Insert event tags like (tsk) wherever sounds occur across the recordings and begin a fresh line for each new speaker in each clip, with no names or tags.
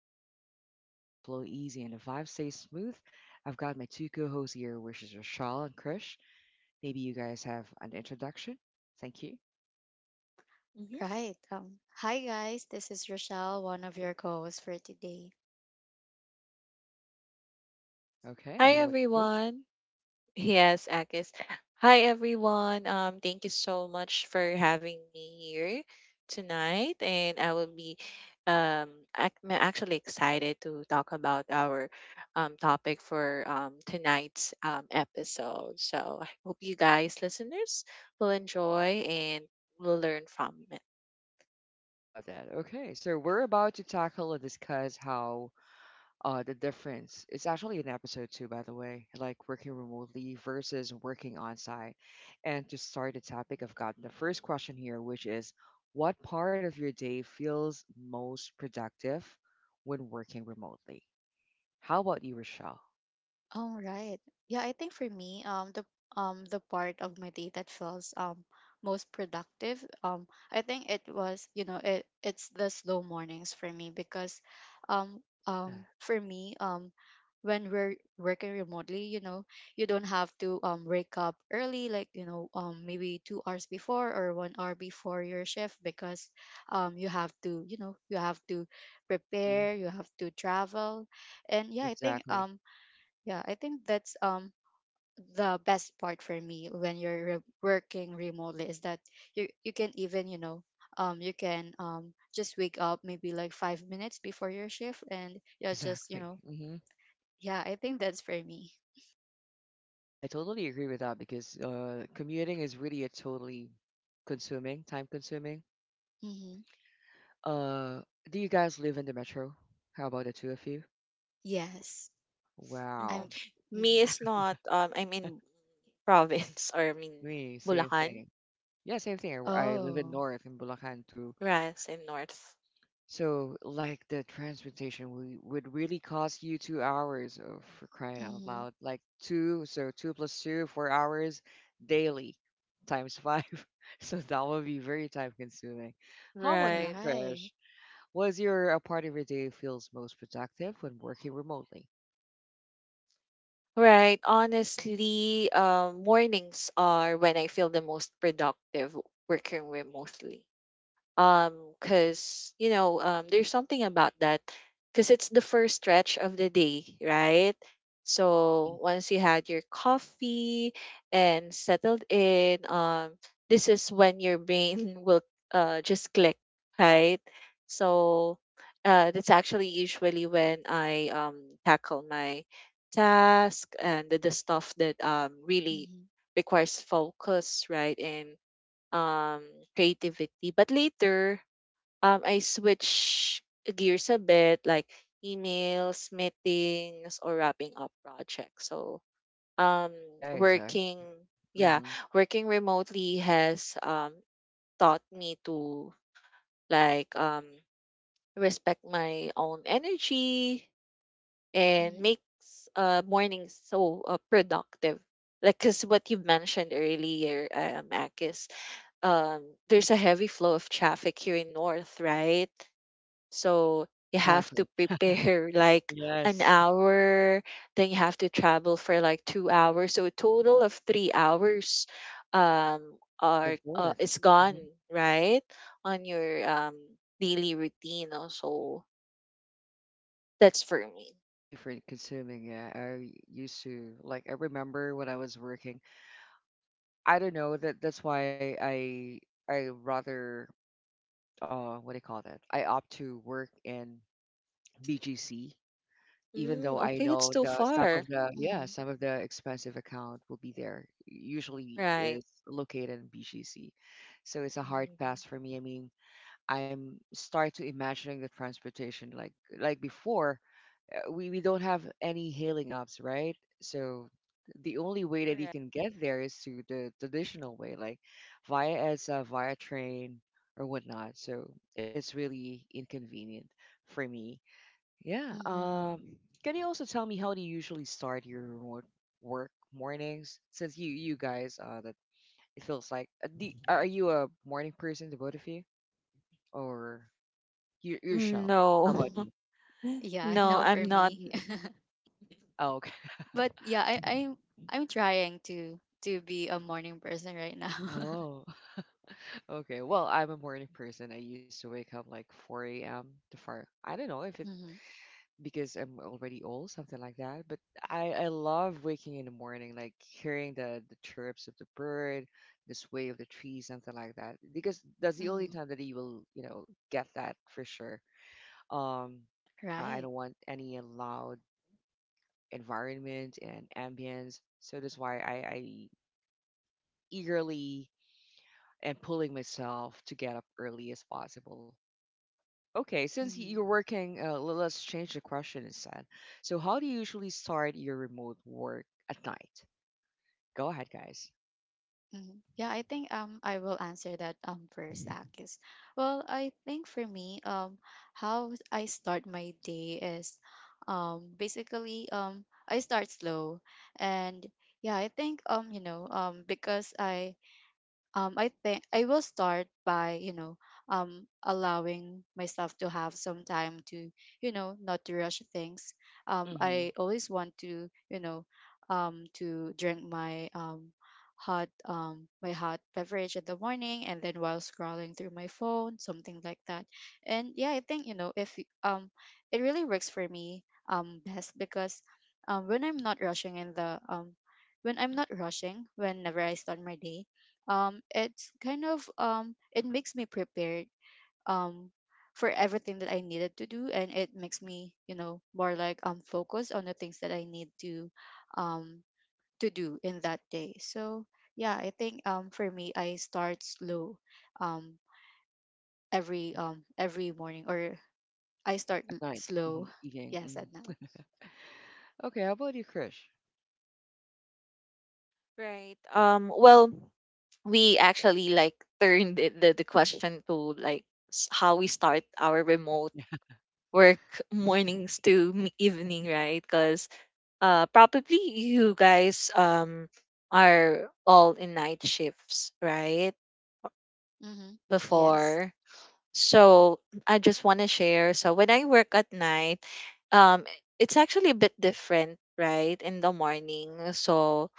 chill zone where conversation flow easy and the vibe stays smooth. I've got my two co-hosts here, which is Rashal and Krish. Maybe you guys have an introduction. Thank you.
Mhm.
Right. Hi, guys. This is Rochelle, one of your co hosts for today.
Okay,
Hi
how about you, Krish?
everyone. Yes, Akis. Hi, everyone. Thank you so much for having me here tonight, and I will be um I'm actually excited to talk about our topic for tonight's episode. So I hope you guys, listeners, will enjoy and will learn from it.
I love that. Okay, so we're about to tackle and discuss how the difference, it's actually in episode two by the way, like working remotely versus working on site, and to start the topic, I've got the first question here, which is what part of your day feels most productive when working remotely? How about you, Rochelle?
Oh, right. Yeah, I think for me, the part of my day that feels most productive, I think it was, you know, it's the slow mornings for me because, um,
Yeah.
um, for me, um, when we're working remotely, you know, you don't have to wake up early, like you know, maybe 2 hours before or 1 hour before your shift because you have to, you have to
Hmm.
prepare, you have to travel, and
Exactly.
yeah, I think that's the best part for me when you're working remotely is that you can even, you know, you can just wake up maybe like 5 minutes before your shift and
(laughs)
you're just, you
Exactly.
know,
Hmm.
yeah, I think that's for me.
I totally agree with that because commuting is really a totally consuming, time consuming.
Mhm.
uh do you guys live in the metro? How about the two of you?
Yes.
Hmm.
I'm
Wow.
Me
mhm.
is not I'm in
(laughs)
province, (laughs) or I mean
Me, same
Bulacan,
thing. Yeah, same thing. I live in
Oh.
North, in Bulacan too.
right? In north.
So, like, the transportation would really cost you 2 hours of, for crying out
Mhm.
loud. Like two, so two plus two, 4 hours daily times five. (laughs) So that would be very time consuming. How about you,
Right.
Krish?
Right.
Was your a part of your day feels most productive when working remotely?
Right. Honestly, mornings are when I feel the most productive working remotely, um
Mm-hmm.
because there's something about that, because it's the first stretch of the day, right?
Hmm.
So once you had your coffee and settled in, this is when your brain (laughs) will just click, right? So that's actually usually when I tackle my task and the stuff that really
Mhm.
requires focus, right? And um creativity. But later, I switch gears a bit, like emails, meetings, or wrapping up projects. So um
Yeah, exactly.
working yeah,
Mm-hmm.
working remotely has taught me to, like, respect my own energy and
Mhm.
makes mornings so productive, like, because what you mentioned earlier, Akis, um, there's a heavy flow of traffic here in North, right? So you have
Exactly.
to prepare (laughs) like an
Yes.
hour, then you have to travel for like 2 hours. So a total of 3 hours
Back and
are
forth.
is gone,
Mm-hmm.
right? On your daily routine. Also, that's for me.
Really for consuming. Yeah, I used to like, I remember when I was working, I don't know that, that's why I rather, what do you call that, I opt to work in BGC. Even though
Mm,
I
okay,
know
that's too
the stuff of
far,
the, yeah,
Mhm.
some of the expensive account will be there, usually
right?
is located in BGC. So it's a hard
Mhm.
pass for me. I mean, I'm start to imagining the transportation, like before, we don't have any hailing apps, right? So the only way that you
Correct.
can get there is through the traditional way, like via, as a via train or whatnot. So it's really inconvenient for me. Yeah.
Mhm.
Um,
Mm-hmm.
can you also tell me how do you usually start your remote work mornings? Since you guys, that it feels like, are you a morning person, the both of you, or you shall?
Mm.
How
No,
about you?
Mhm.
(laughs)
Yeah, (laughs)
no,
no
I'm
for
not.
me. (laughs)
Oh, okay.
But yeah, I'm trying to be a morning person right now. (laughs)
(laughs) Oh. Okay, well, I'm a morning person. I used to wake up like 4 a.m. to far. I don't know if it,
Mhm,
because I'm already old, something like that. But I love waking in the morning, like hearing the chirps of the bird, the sway of the trees, something like that. Because that's the only
mhm.
time that you will, you know, get that for sure. Um, I
Right.
don't want any loud environment and ambience, so that's why I eagerly and pulling myself to get up early as possible. Okay, since you're
Mhm,
working, let's change the question instead. So, how do you usually start your remote work at night? Go ahead, guys.
mhm. Yeah, I think I will answer that first, Akis. Well, I think for me how I start my day is basically I start slow and yeah, I think you know because I think I will start by, you know, allowing myself to have some time to, you know, not to rush things.
Mm-hmm.
I always want to, you know, to drink my hot beverage in the morning and then while scrolling through my phone, something like that. And yeah, I think, you know, if y- it really works for me best because when I'm not rushing in the when I'm not rushing, whenever I start my day, it's kind of it makes me prepared um for everything that I needed to do, and it makes me you know more like focused on the things that I need um to do in that day. So yeah, I think for me I start slow, um every morning. Or I
At night,
slow (laughs)
evening.
yes at night.
Okay, how about you, Krish?
Right. Well, we actually like turned the question to like how we start our remote
(laughs)
work (laughs) mornings
Mm-hmm.
to evening, right? Because probably you guys are all in night shifts, right?
Mm-hmm. Yes.
Before. So I just want to share. So when I work at night, um, it's actually a bit different, right? In the morning. So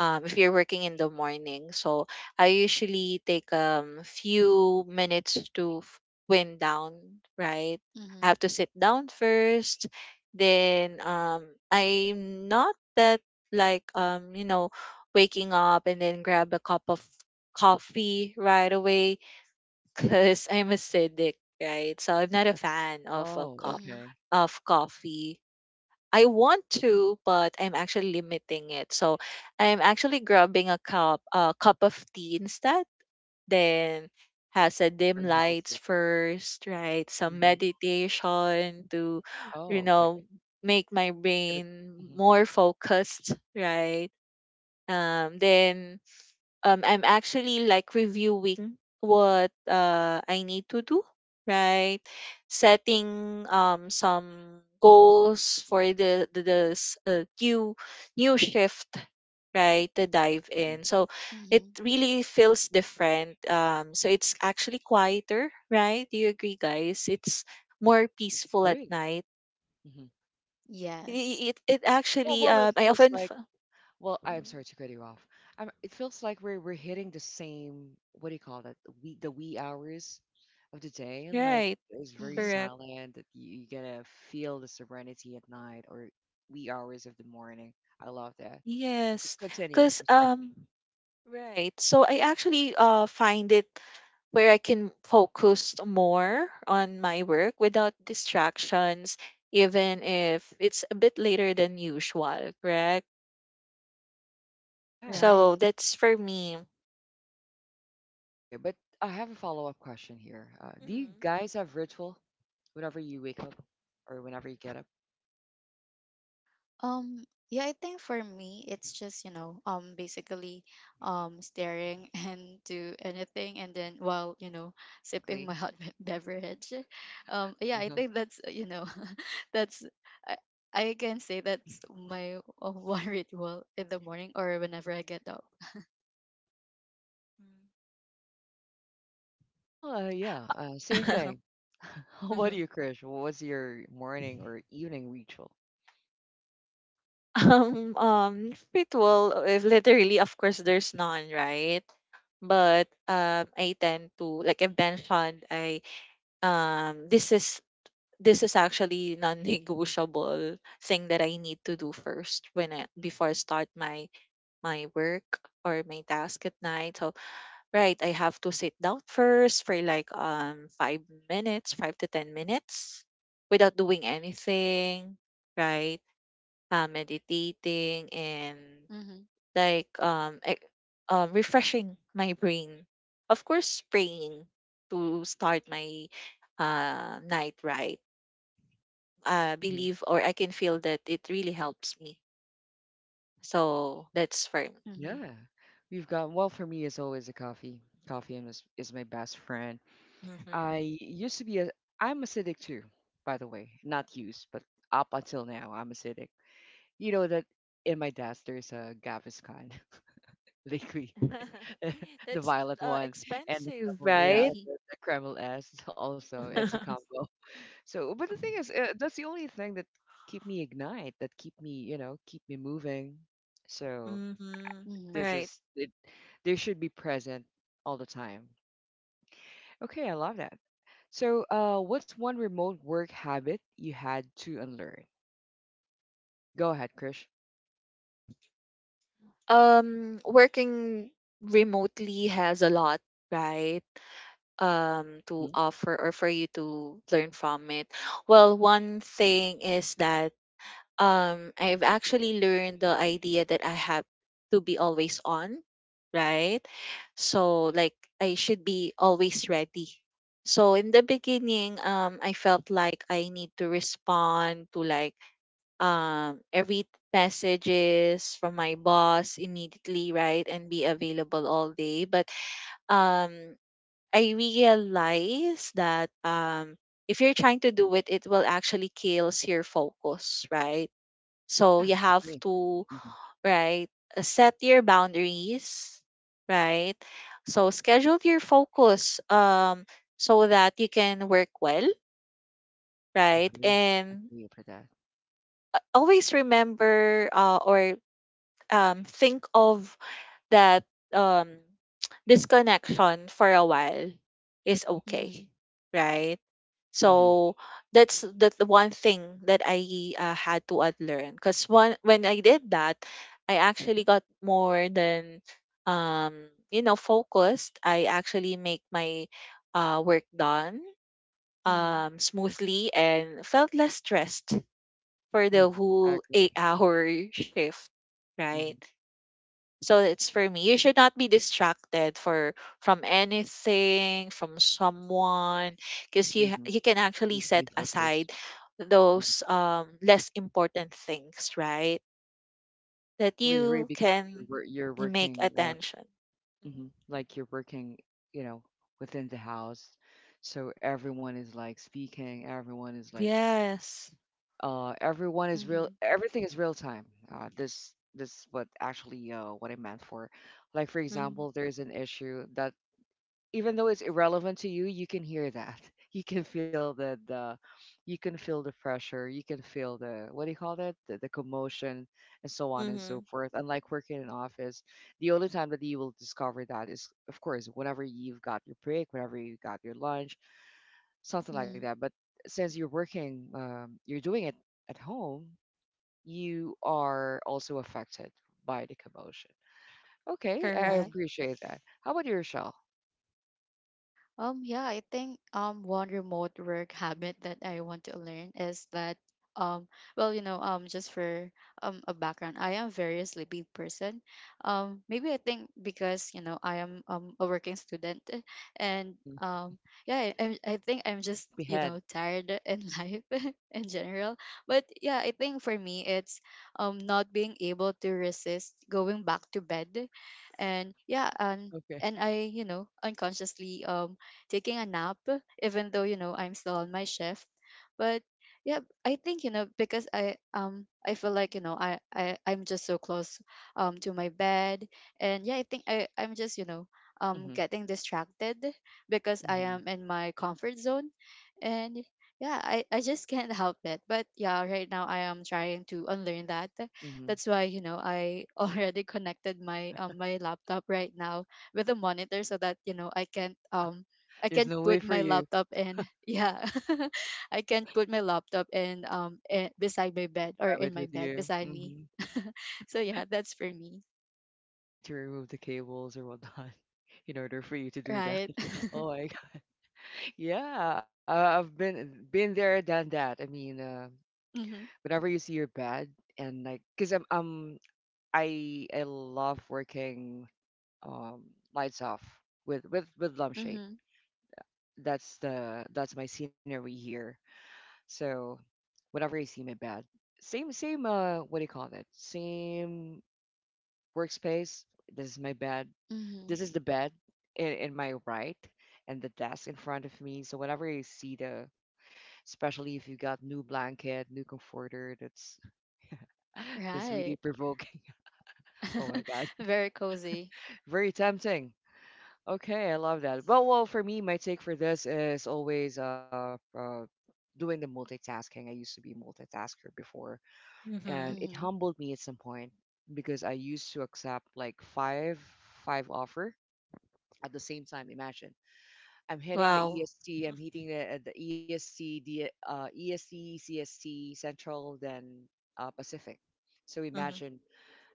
if you're working in the morning. So I usually take few minutes to wind down, right? I
Mm-hmm.
have to sit down first. Then, I'm not that, like, waking up and then grab a cup of coffee right away (laughs) because I'm acidic, right? So I'm not a fan of a
Oh,
cup
Mm-hmm.
okay.
of coffee. I want to, but I'm actually limiting it. So I'm actually grabbing a cup of tea instead. Then has a
Very
dim
healthy.
lights first, right? Some
Hmm.
meditation to, you
Oh, okay.
know, make my
could have-
brain
mhm,
more focused, right? Then I'm actually like reviewing what I need to do, right? Setting some goals for the new shift, right? To dive
mhm.
in. So it
Mm-hmm.
really feels different. So it's actually quieter, right? Do you agree, guys? It's more peaceful at
Agree.
night.
hmm
It
Yes.
it, it
Well,
actually
well, it feels like, well, I'm
Mhm.
sorry to cut you off. It feels like we're hitting the same, what do you call that? The wee hours of the day. Like,
Right,
it's very
Mm-hmm.
correct.
silent. That you gonna feel the serenity at night or wee hours of the morning. I love that.
Yes.
Continue,
Cause
I'm sorry.
Right. So I actually find it where I can focus more on my work without distractions, even if it's a bit later than usual, correct?
Yeah.
So
Right.
that's for me.
Okay, but I have a follow up question here. Do you
Mhm.
guys have ritual whenever you wake up or whenever you get up?
Um, yeah, I think for me it's just, you know, basically staring (laughs) into anything and then while, you know, sipping my
Blankly.
beverage. Yeah, I think that's, you know, (laughs) that's I, I can say that's my (laughs) one ritual in the morning or whenever I get up.
Well, yeah, same
Mm.
thing. (laughs) How
(laughs)
about
Mhm.
you, Krish? What's your morning or evening ritual?
Ritual, if literally, of course, there's none, right? But I tend to, like I mentioned, I um, this is this is actually non-negotiable thing that I need to do first, when I before I start my work or my task at night. So right, I have to sit down first for like 5 minutes, 5 to 10 minutes without doing anything, right? Meditating and,
Mhm.
like, refreshing my brain. Of course praying to start my night, right?
Mhm.
Believe or I can feel that it really helps me. So that's firm.
Mhm.
Yeah, we've got. Well, for me, it's always a coffee. Coffee and is my best friend.
Hmm.
I used to be a. I'm acidic too, by the way. Not used, but up until now, I'm acidic. You know that in my desk there's a Gaviscon (laughs) liquid, (laughs)
(laughs)
the
That's
violet one, and the
expensive,
Kreml, yeah,
right?
Mhm.
the Kreml S also. It's a
(laughs)
combo. So, but the thing is, that's the only thing that keep me ignite, that keep me, keep me moving. So
Hmm.
Mhm.
this
Right.
is it. They should be present all the time. Okay, I love that. So, what's one remote work habit you had to unlearn? Go ahead, Krish.
Working remotely has a lot, right? To
Hmm.
offer or for you to learn from it. Well, one thing is that I've actually learned the idea that I have to be always on, right? So like I should be always ready. So in the beginning, I felt like I need to respond to, like, every messages from my boss immediately, right? And be available all day. But um I realized that if you're trying to do it, it will actually kills your focus, right? So
Yeah,
you have
agree.
to,
Hmm.
right, set your boundaries, right? So schedule your focus so that you can work well, right?
Agree.
And
Agree for that.
always remember, or think of that um (tsk) disconnection for a while is okay,
Mhm.
right?
Hmm.
So that's the one thing that I had to unlearn. Because one when I did that, I actually got more than focused. I actually make my work done
Mhm.
smoothly and felt less stressed for
Hmm.
the
I
whole
agree.
8 hour (laughs) shift,
Hmm.
right? So it's
Exactly.
for me. You should not be distracted for from anything, from someone, because
Hmm.
you can actually
Need to be
set
focused.
aside
Hmm.
those less important things, right?
I
That
totally agree
you
because you're,
can
you're
make
working.
attention. Mhm.
Like you're working, you know, within the house. So everyone is like speaking, everyone is like
Yes.
everyone is real
Mhm.
everything is real time. This what actually what I meant for. Like, for
Mm-hmm.
example, there's an issue that, even though it's irrelevant to you, you can hear that. (laughs) You can feel the pressure, you can feel the, what do you call that? The commotion and so on and
Mm-hmm.
so forth. Unlike working in office, the only time that you will discover that is of course whenever you've got your break, whenever you got your lunch, something like
Mhm.
that. But since you're working, you're doing it at home, you are also affected by the commotion. Okay, I
(laughs)
I
Correct.
Right.
appreciate that. How about your shell?
Yeah, I think one remote work habit that I want to learn is that um well, you know, just for a background, I am very sleepy person. Maybe I think because, you know, I am a working student and
Hmm.
yeah, I think I'm just,
Sleepy
you
head.
know, tired in (laughs) life in general. But yeah, I think for me it's not being able to resist going back to bed. And yeah, and you know, unconsciously taking a nap, even though, you know, I'm still on my shift. But yeah, I think, you know, because I feel like, you know, I'm just so close to my bed. And yeah, I think I'm just, you know,
Mhm,
getting distracted because I
mhm,
am in my comfort zone. And yeah, I just (laughs) can't help it. But yeah, right now I am trying to unlearn that.
mhm.
That's why you know I (laughs) already connected my laptop right now with the monitor, so that you know I
There's
can't
no way
put
for
my
you to
laptop and (laughs) yeah, (laughs) I can't put my laptop and beside my bed or
grab it
in my
with
bed
you.
beside me.
Mhm.
(laughs) So yeah, that's for me,
You need to remove the cables or whatnot (laughs) in order for you to do that.
right?
(laughs) Oh my
(laughs)
God. Yeah, I've been there, done that. I mean,
Mhm,
whenever you see your bed, and like, cause I love working um lights off with with lampshade.
mhm,
That's my scenery here. So whenever you see my bed, same what do you call that? Same workspace. This is my bed.
mhm,
This is the bed in my right, and the desk in front of me. So whenever I see the, especially if you got new blanket, new comforter, that's really
right.
provoking. (laughs) Oh my god,
(laughs) Very cozy.
very tempting. Okay, I love that. Well, well, for me, my take for this is always doing the multitasking. I used to be a multitasker before,
Mm-hmm.
and it
Mhm,
humbled me at some point because I used to accept like five offer at the same time. Imagine I'm hitting the
Wow.
EST. I'm
(laughs)
hitting the ESC, the ESC, CSC, Central, then Pacific. So
Mm-hmm.
imagine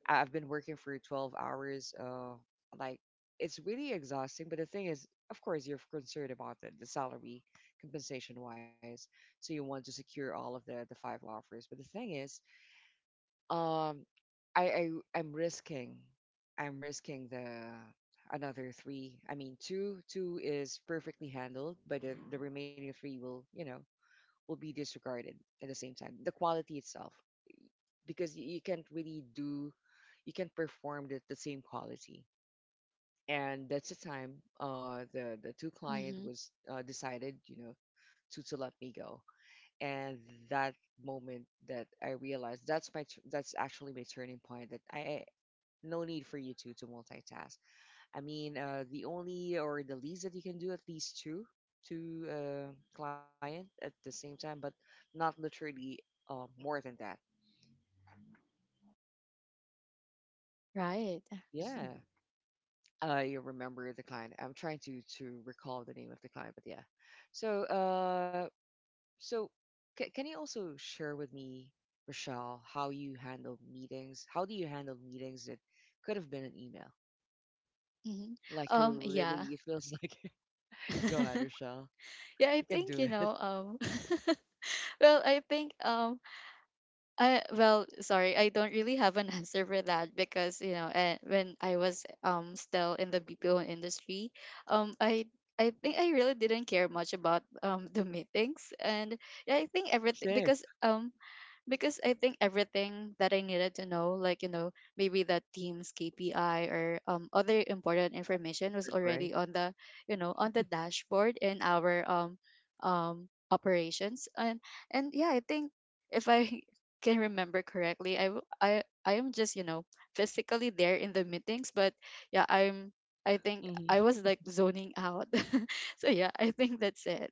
I've been working for 12 hours. Like, it's really exhausting. But the thing is, of course, you're concerned about the salary, compensation wise. So you want to secure all of the five offers. But the thing is, um, I, I I'm risking I'm risking the another three. I mean two is perfectly handled, but the remaining three will, you know, will be disregarded at the same time. The quality itself, because you can't really do, you can't perform the same quality. And that's the time the two client
mhm,
was decided, to let me go. And that moment that I realized that's actually my turning point, that I no need for you to multitask. I mean, the only or the least that you can do, at least two, client at the same time, but not literally more than that.
right. (laughs)
Yeah, I remember the client. I'm trying to recall the name of the client, but yeah. So so can you also share with me, Rochelle, how you handle meetings? How do you handle meetings that could have been an email?
Mhm.
Like, you really, it
Yeah.
feels like. (laughs) Go ahead,
(laughs)
Rochelle. I
Yeah, I
can do
think you
it.
know. (laughs) Well, I think I well, sorry, I don't really have an (laughs) answer for that because you know, when I was still in the BPO industry, um, I I think I really didn't care much about (laughs) the meetings, and yeah, I think
(laughs)
everything
Same.
because I think everything that I needed to know, like, you know, maybe the team's KPI or other important
We have
information
concert,
was
right?
already on you know, on the dashboard in our operations. And yeah, I think if I (laughs) can remember correctly, I am just, you know, physically there in the meetings, but yeah, I'm, I think
Hmm.
I was like zoning out. (laughs) So yeah, I think that's it.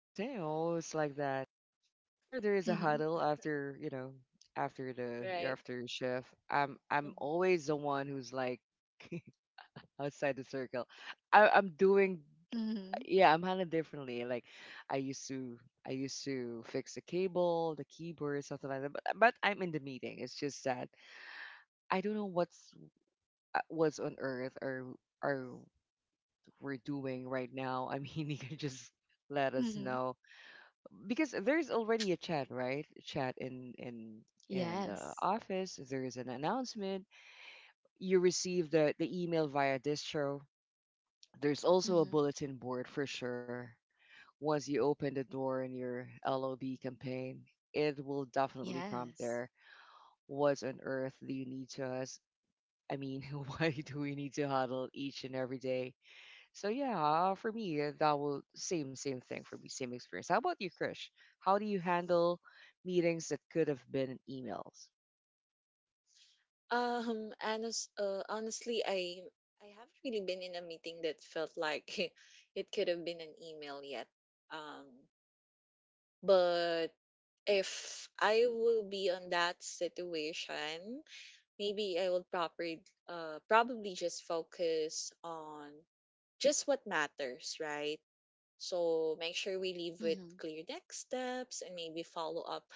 Same. Always like that. Whenever there is a
Mm-hmm.
huddle after, you know, after the
Right.
after shift, I'm
Mm-hmm.
always the one who's like (laughs) outside the circle. I'm doing,
Mm-hmm.
yeah, I'm handling differently. Like I used to I used to fix the cable, the keyboard, something like that. But I'm in the meeting. It's just that I don't know what's on earth or or we're doing right now. I mean, (laughs) you can just let us
Mm-hmm.
know, because there's already a chat, right? Chat in the
Yes.
office. There is an announcement. You receive the email via distro. There's also a
Mm-hmm.
bulletin board for sure. Once you open the door in your LOB campaign, it will definitely prompt
Yes.
there. What on earth do you need to us? I mean, (laughs) why do we need to huddle each and every day? So yeah, for me, that will same thing for me, same experience. How about you, Krish? How do you handle meetings that could have been emails?
Honestly, I haven't really been in a meeting that felt like (laughs) it could have been an email yet. Um, but if I will be on that situation, maybe I will probably just focus on just what matters, right? So make sure we leave with
Mhm.
clear next steps and maybe follow up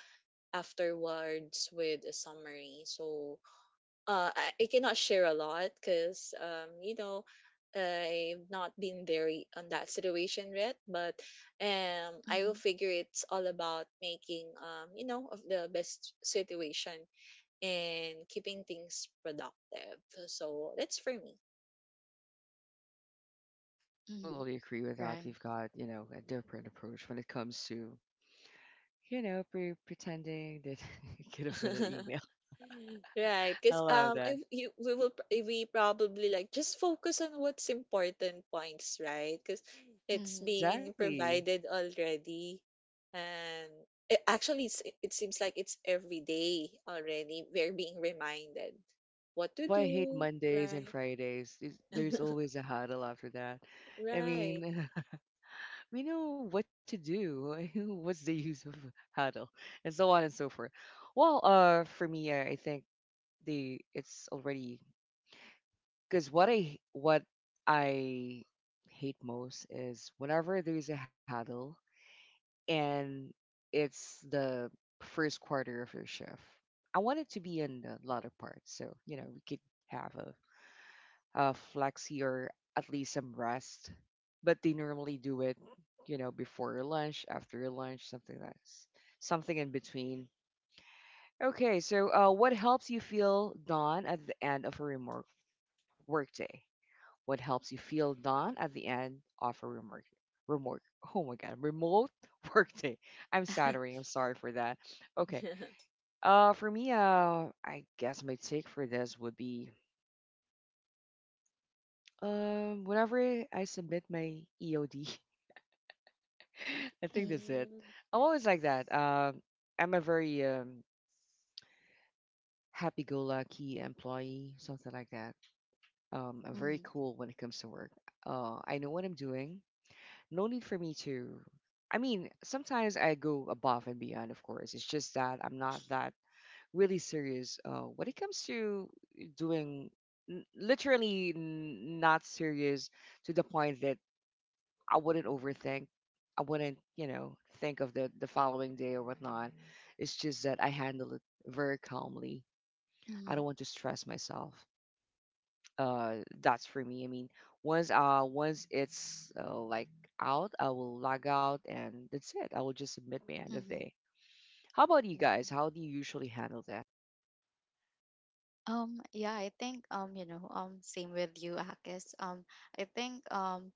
afterwards with a summary. So I cannot share a lot because I've not been there on that situation yet. But
hmm
I will
Mhm.
figure it's all about making of the best situation and keeping things productive. So that's for me.
Mhm.
Totally agree with that.
Right.
We've got, a different approach when it comes to, pretending that (laughs) it could have been an email.
(laughs) Right,
(laughs) I
because
love
I
that.
you we will we probably like just focus on what's important points, right? Because it's
Mhm.
being
Exactly.
provided already, and actually, it seems like it's every day already. We're being reminded what
That's
to
why I hate
do,
Mondays and
right?
Fridays. There's
(laughs)
always a huddle after that. I
Right.
mean, (laughs) we know what to do. (laughs) What's the use of huddle? And so on and so forth. Well, for me, I think the it's already because what I hate most is whenever there's a huddle and it's the first quarter of your shift. I want it to be in the latter part, so you know we could have a flexi or at least some rest. But they normally do it, you know, before your lunch, after your lunch, something that's something in between. Okay, so what helps you feel done at the end of a remote workday? What helps you feel done at the end of a remote? Oh my God, remote (laughs) workday. I'm stuttering. I'm sorry for that. Okay.
(laughs)
For me, I guess my take for this would be, whenever I submit my EOD, (laughs) I think
Mhm.
that's it.
Mm.
I'm always like that. I'm a very happy-go-lucky employee, something like that. I'm very
Mhm.
cool when it comes to work. I know what I'm doing. No need for me to. I mean, sometimes I go above and beyond, of course. It's just that I'm not that really serious when it comes to doing not serious to the point that I wouldn't overthink. I wouldn't, you know, think of the following day or whatnot. It's just that I handle it very calmly. I
Mhm.
don't want to stress myself. That's for me. I mean, once it's like out, I will log out and that's it. I will just submit my end of
Mhm.
day.
(laughs)
How about you guys? How do you usually handle that?
Yeah, I think, you know, same with you, Akis. I think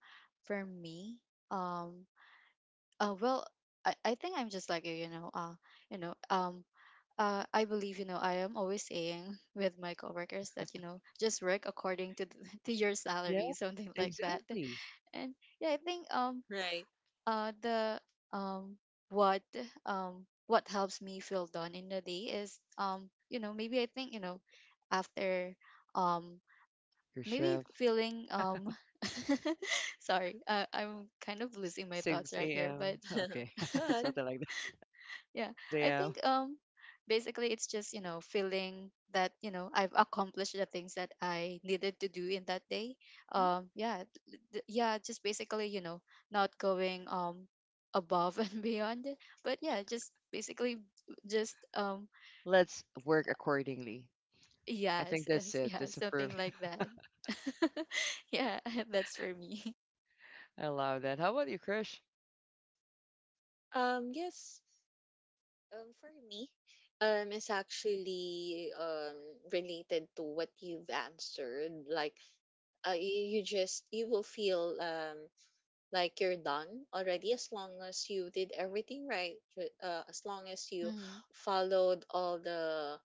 for me, um, uh, well, I think I'm just like you know, you know, um, I believe, you know, I am always saying (laughs) with my coworkers that you know, just work according to (laughs) to your
Yeah,
salary, something like that.
exactly.
And yeah, I think
Right.
the um what what helps me feel done in the day is you know maybe I think you know after um
Your
maybe
shift,
feeling (laughs) sorry I'm kind of losing my thoughts right
6
here.
a.m.
But
Okay,
(laughs)
(laughs)
But
something like that.
yeah,
6
I
a.m.
think basically it's just, you know, feeling that, you know, I've accomplished the things that I needed to do in that day.
hmm
Yeah, yeah, just basically, you know, not going above (laughs) and beyond. But yeah, just basically just
Let's work accordingly. I think
yes,
that's
yes,
it.
yeah,
Disapprove.
something like
(laughs)
that. (laughs) Yeah, (laughs) that's for me.
I love that. How about you, Krish?
yes. For me, it's actually related to what you've answered. Like, you will feel like you're done already, as long as you did everything right, as long as you
Mhm,
followed all the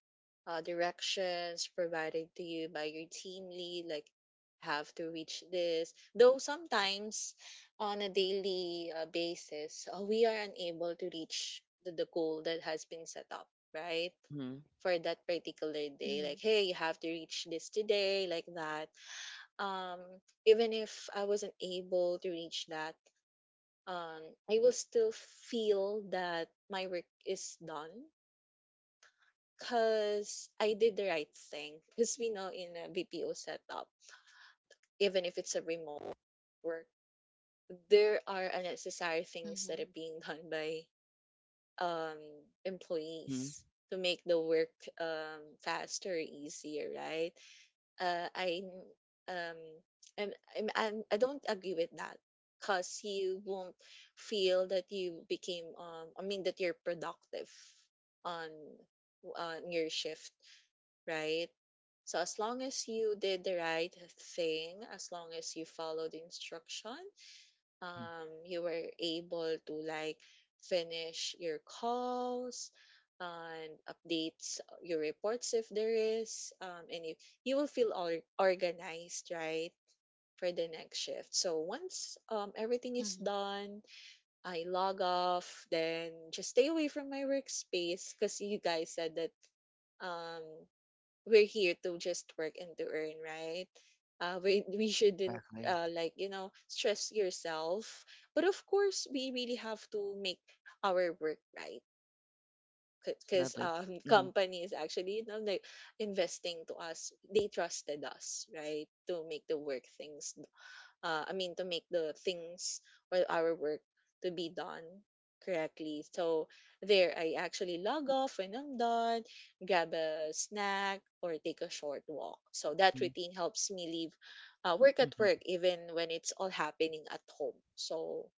directions provided to you by your team lead, like have to reach this, though sometimes on a daily basis we are unable to reach the goal that has been set up right
Mm-hmm.
for that particular day, like,
mhm,
hey, you have to reach this today, like that. um Even if I wasn't able to reach that, um, I will still feel that my work is done because I did the right thing. Because we know in a BPO setup, even if it's a remote work, there are unnecessary things that
mhm,
are being done by, um,
Mm-hmm.
employees to make the work faster, easier, right? I um I'm, I'm I don't agree with that because you won't feel that you became, I mean, that you're productive on on your shift, right? So as long as you did the right thing, as long as you followed instruction,
Mm-hmm.
you were able to, like, finish your calls and updates your reports if there is, and you will feel organized right for the next shift. So once, everything is
mhm,
done, I log off then just stay away from my workspace, because you guys said that, um, we're here to just work and to earn, right? We shouldn't,
Exactly.
like, stress yourself, but of course we really have to make our work right because
Definitely.
(laughs)
Mm-hmm.
companies actually, like, investing to us, they trusted us right to make the work things, I mean, to make the things or our work to be done correctly. So there, I actually log off when I'm done, grab a snack, or take a short walk. So that
Mm-hmm.
routine helps me leave work at
Mm-hmm.
work, even when it's all happening at home. So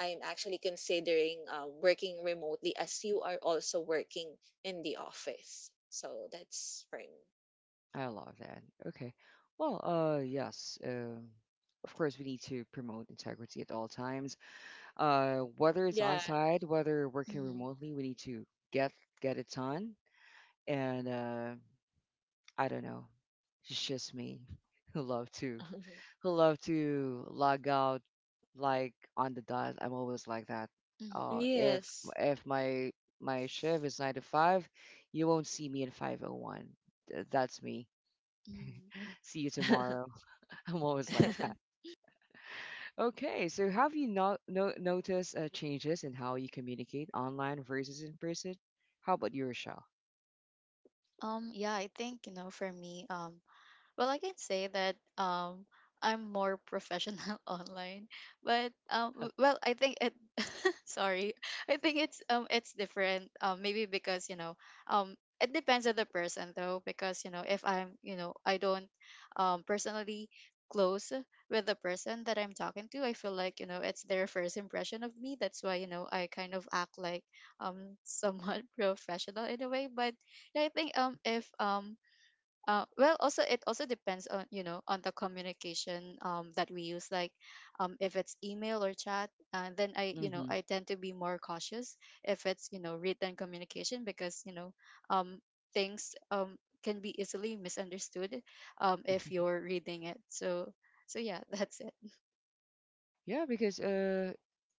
I'm actually considering working remotely as you are also working in the office. So that's for me.
I love that. Okay. Well, yes. Of course, we need to promote integrity at all times. Whether it's on
Yeah.
site, whether working
mhm,
remotely, we need to get get it done. And I don't know. It's just me (laughs) who love to who love to log out like on the dot. I'm always like that.
mhm,
If
(laughs) Yes.
if my my shift is nine to five, you won't see me in 5:01. That's me.
mhm.
See you tomorrow. (laughs) I'm always like that.
(laughs)
(laughs)
Okay, so have you not no, noticed changes in how you communicate online versus in person? How about your show?
Yeah, I think, you know, for me, well, I can say that I'm more professional (laughs) online, but
(laughs)
well, I think it (laughs) sorry. I think it's different. Maybe because, you know, um it depends on the person though because, you know, if I'm, you know, I don't personally close with the person that I'm talking to, I feel like, you know, it's their first impression of me. That's why, you know, I kind of act like somewhat (laughs) professional in a way. But yeah, I think if well, also it also depends on you know on the communication that we use, like if it's email or chat, then I you know
Mm-hmm.
I tend to be more cautious if it's you know written communication, because you know um, things can be easily misunderstood if
hmm
you're reading it. So so yeah (laughs) that's it.
Yeah, because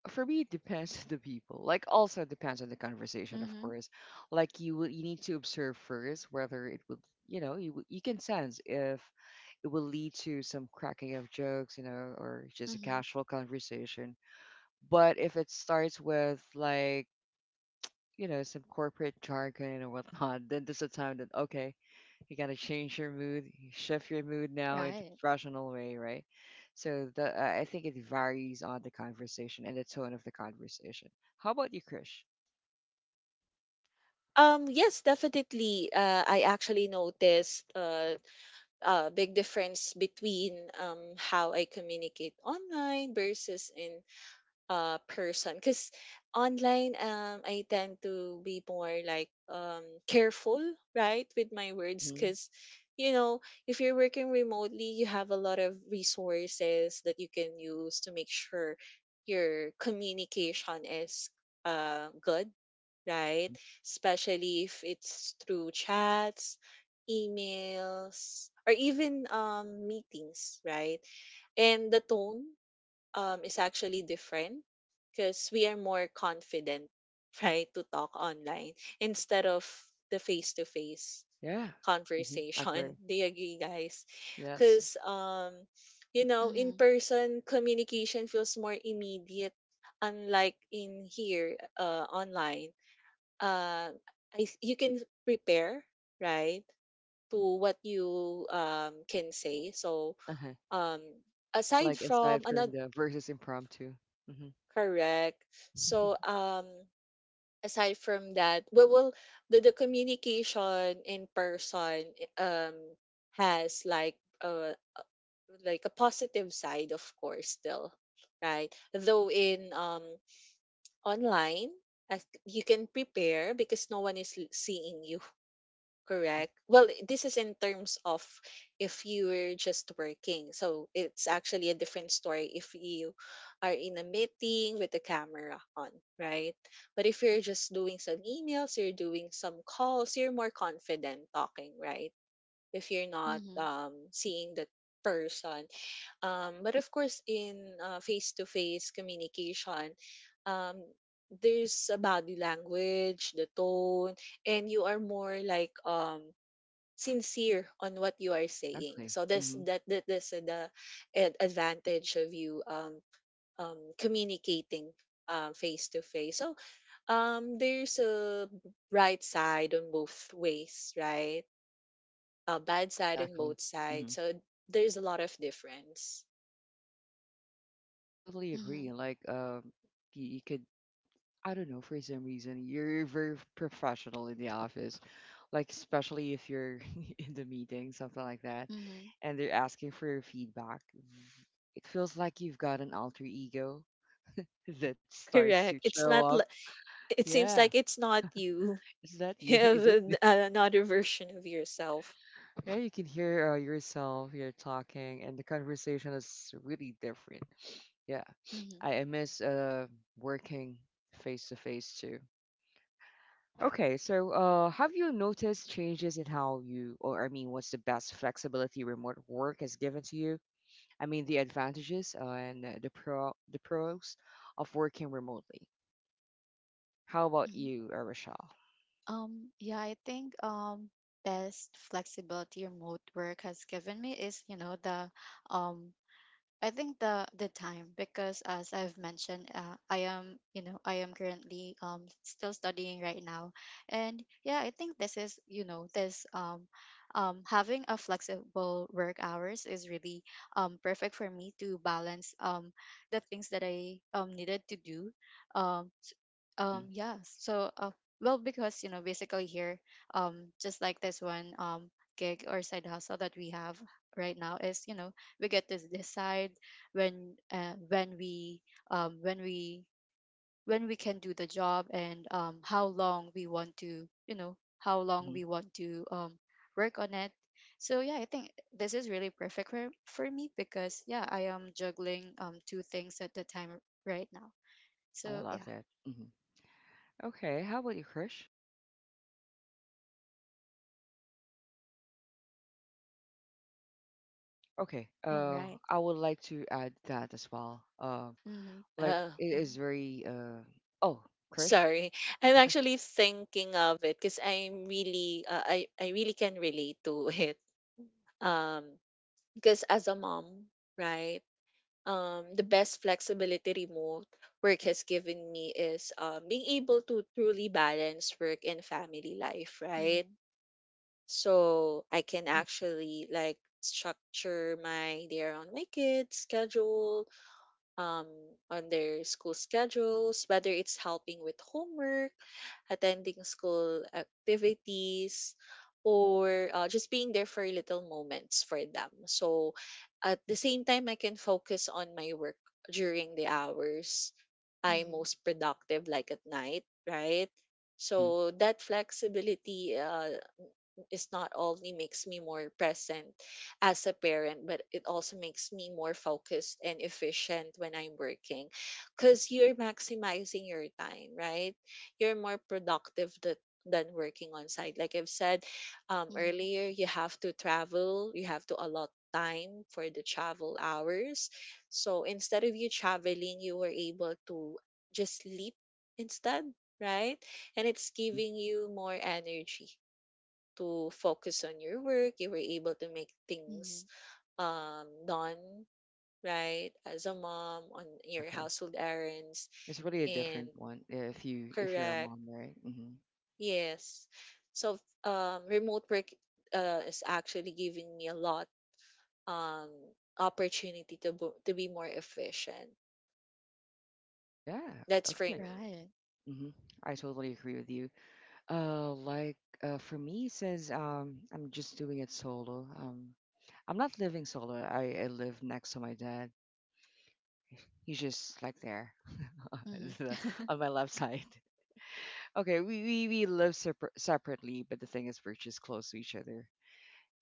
for me it depends on the people like also depends on the conversation of
Mm-hmm,
course like you need to observe first whether it will you can sense if it will lead to some cracking of jokes or just a
mm-hmm,
casual conversation but if it starts with like you know, some corporate jargon or whatnot, then there's a time that, okay, you gotta change your mood, you shift your mood now into
right.
professional way, right? So the I think it varies on the conversation and the tone of the conversation. How about you, Krish?
Yes, definitely. I actually noticed a big difference between how I communicate online versus in person. Because online, I tend to be more like, careful, right, with my words.
Mm-hmm.
Because, you know, if you're working remotely, you have a lot of resources that you can use to make sure your communication is good, right?
Mm-hmm.
Especially if it's through chats, emails, or even, meetings, right? And the tone, is actually different because we are more confident, (laughs) right, to talk online instead of the face to face
Yeah. Mm-hmm.
conversation.
Agree.
(laughs) Do you agree, guys?
Yes.
Because, in
Mm-hmm,
person, communication feels more immediate, unlike in here, online uh, you can prepare right to what you can say. So,
Uh-huh.
um aside
Like
from
aside from
another.
the versus impromptu.
Correct.
Mm-hmm. (laughs)
So, aside from that, we will the communication in person um has uh like a positive side, of course, still, right, though in online, as you can prepare because no one is seeing you.
mm hmm
Correct. Well, this is in terms of if you were just working. So it's actually a different story if you are in a meeting with the camera on, right? But if you're just doing some emails, you're doing some calls, you're more confident talking, right? If you're not
mm-hmm,
seeing that person. But of course, in face-to-face communication, um, there's a body language, the tone, and you are more like sincere on what you are saying.
Exactly.
So this
Mm-hmm.
that this is the advantage of you communicating face to face. So, there's a bright side on both ways, right? A bad side on
Exactly.
both
mm hmm
sides. So there's a lot of difference.
I totally
mm-hmm,
agree. Like, you, you could I don't know, for some reason, you're very professional in the office, like especially if you're (laughs) in the meeting, something like that,
mm-hmm,
and they're asking for your feedback. It feels like you've got an alter ego (laughs) that
(laughs)
starts to
Correct. It's
show
not.
up.
It seems
Yeah,
like it's not you. (laughs)
is that
You
you? (laughs)
have
Is it me?
another version of yourself.
Yeah, you can hear yourself, you're talking, and the conversation is really different. Yeah,
mm-hmm,
I miss working face to face too. Okay, so have you noticed changes in how you, or I mean, what's the best flexibility remote work has given to you? I mean, the advantages and the pros of working remotely. How about
mm-hmm.
you, Arashal?
Yeah, I think best flexibility remote work has given me is, you know, the um I think the time, because as I've mentioned, I am you know I am currently still studying right now, and yeah, I think this is you know this having a flexible work hours is really perfect for me to balance the things that I needed to do um s-
Mm-hmm.
yeah so well because you know basically here just like this one gig or side hustle that we have right now is you know we get to decide when um, when we when we can do the job, and how long we want to you know how
hmm
long
hmm
we want to work on it. So yeah I think this is really perfect for me, because yeah I am juggling two things at the time right now.
I
So
love
yeah.
that. Hmm Okay, how about you, Krish? Okay,
All right.
I would like to add that as well.
Mm-hmm.
Like it is
Mhm.
very oh, Krish?
Sorry, I'm actually thinking of it because I'm really, I really can relate to it. Um, because as a mom, right, the best flexibility remote work has given me is being able to truly balance work and family life, right?
Mm-hmm.
So I can
Yeah.
actually, like, structure my day around my kids' schedule, um, on their school schedules, whether it's helping with homework, attending school activities, or just being there for little moments for them. So at the same time, I can focus on my work during the hours I'm
Mm-hmm.
most productive, like at night, right?
Mm-hmm.
So that flexibility is not only makes me more present as a parent, but it also makes me more focused and efficient when I'm working, because you're maximizing your time, right? You're more productive that than working on site. Like I've said
Mm-hmm.
earlier, you have to travel, you have to allot time for the travel hours. So instead of you traveling, you were able to just sleep instead, right? And it's
hmm
giving you more energy to focus on your work. You were able to make things
Mm-hmm.
done, right? As a mom, on your
Exactly.
household errands,
It's really a
and
different one if you if you're a
correct.
mom, right? hmm
Yes. So, remote work is actually giving me a lot um opportunity to be more efficient.
Yeah.
That's
Okay.
for me.
Right.
hmm I totally agree with you. Like for me, since I'm just doing it solo. I'm not living solo. I live next to my dad. He's just like there (laughs)
Mm-hmm.
the-
(laughs)
on my left side. Okay, we live separately, but the thing is, we're just close to each other.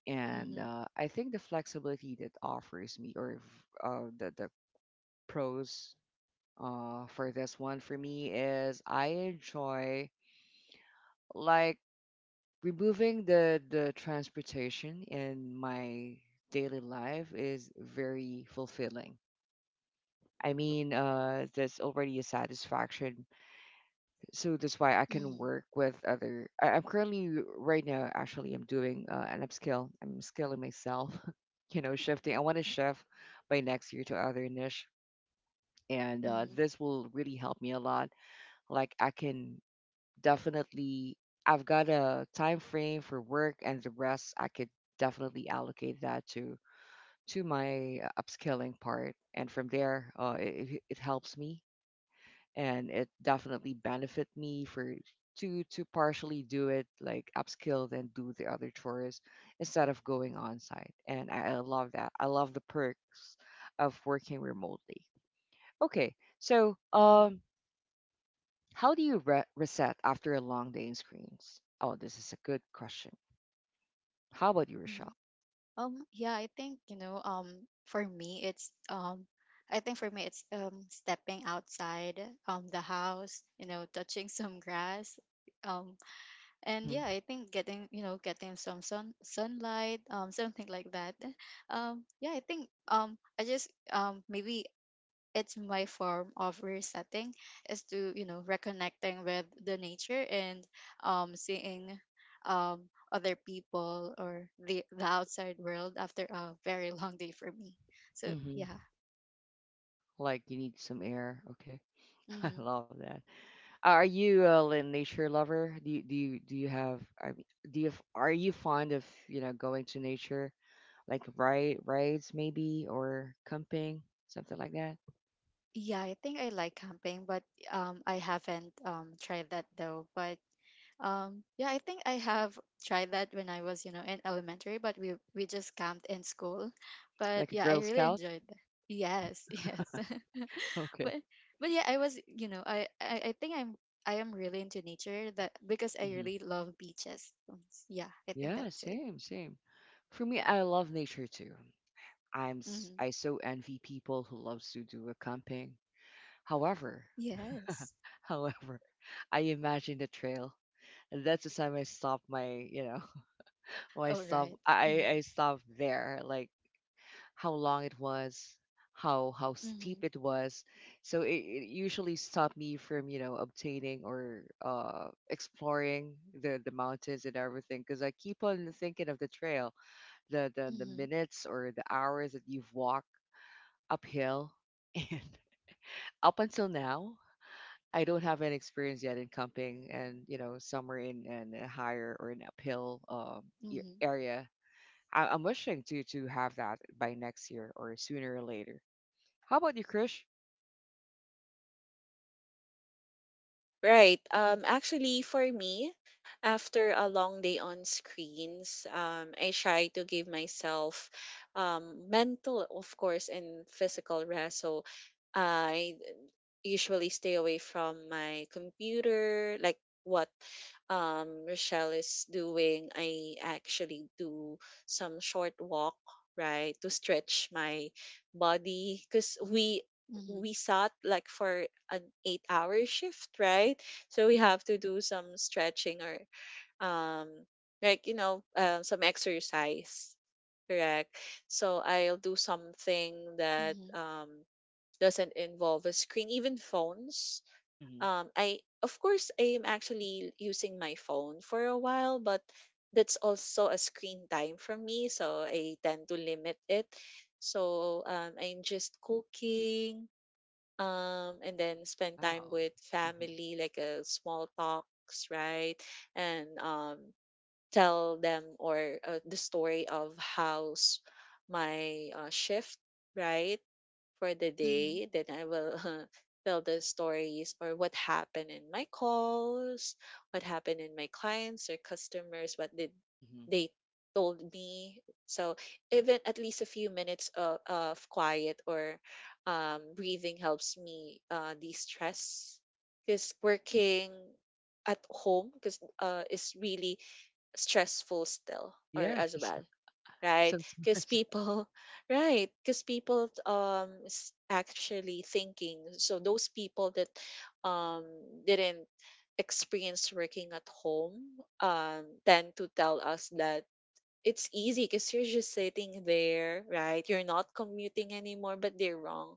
And
Mm-hmm.
I think the flexibility that offers me, or the pros for this one for me is I enjoy like removing the transportation in my daily life is very fulfilling. I mean, that's already a satisfaction. So that's why I can
Mm-hmm.
work with other. I'm currently right now actually I'm doing an upskill. I'm skilling myself. (laughs) You know, shifting. I want to shift by next year to other niche, and
Mm-hmm.
this will really help me a lot like I can definitely I've got a time frame for work and the rest I could definitely allocate that to my upskilling part and from there it it helps me and it definitely benefit me for to partially do it like upskill and do the other chores instead of going on site and I love that I love the perks of working remotely okay so how do you reset after a long day in screens? Oh, this is a good question. How about you,
Mm-hmm.
Rochelle?
Yeah, I think, you know, for me, it's, I think for me, it's, stepping outside, the house, you know, touching (laughs) some grass. Um, and
Mm-hmm.
yeah, I think getting, you know, getting some sun, sunlight, something like that. (laughs) Yeah, I think, I just, maybe it's my form of resetting is to reconnecting with the nature and seeing um other people or the outside world after a very (laughs) long day for me, so
Mm-hmm.
yeah.
Like you need some air. Okay, (laughs)
Hmm,
I love that. Are you a nature lover? Do you have? I mean, do you are you fond of going to nature, like rides maybe or camping, something like that,
yeah, I think I like camping, but I haven't tried that though. But yeah, I think I have tried that when I was in elementary, but we just camped in school. But
like a
yeah, I
Girl
really
Scout? (laughs)
enjoyed that. Yes, (laughs) yes. but
Okay.
but yeah, I was, I think I am really into nature, that because I
hmm
really love beaches. Yeah, I think
Yeah,
that's it.
same, same. For me, I love nature too.
Hmm.
I so envy people who loves to do a camping. However,
Yes.
however, (laughs) I imagine the trail. That's the time I stopped my, you know, (laughs) when
Oh, right. Mm-hmm.
I stopped there. Like how long it was, how steep
Mm-hmm.
it was. So it usually stopped me from, you know, obtaining or exploring the mountains and everything because I keep on thinking of the trail, the
Mm-hmm.
minutes or the hours that you've walked uphill. (laughs) Up until now, I don't have any experience yet in camping and, you know, somewhere in a higher or an uphill
Mm-hmm.
area. I'm wishing to have that by next year or sooner or later. How about you, Krish?
Right.
Oh.
Actually, for me, after a long day on screens, I try to give myself mental, of course, and physical rest. So I usually stay away from my computer, like what Rochelle is doing. I actually do some short walk, right, to stretch my body because we
Mm-hmm.
we sat like for an 8-hour shift, right, so we have to do some stretching or um like, some exercise. Correct. So I'll do something that
Mm-hmm.
doesn't involve a screen, even phones.
Hmm
I Of course, I am actually using my phone for a while, but that's also a screen time for me, so I tend to limit it. So, I'm just cooking, and then spend time
Wow.
with
hmm
family, like a small talks, right? And, tell them or the story of how's my shift, right, for the
Mm-hmm.
day. Then I will (laughs) tell the stories or what happened in my calls, what happened in my clients or customers, what did
hmm
they told me. So even at least a few minutes of quiet or breathing helps me de-stress, because
hmm
working at home, because is really stressful still, or as
Yes,
well,
(laughs)
right? Because
sometimes.
people, (laughs) right? Because people actually thinking, so those people that um didn't experience working at home tend to tell us that it's easy because you're just sitting there, right? You're not commuting anymore, but they're wrong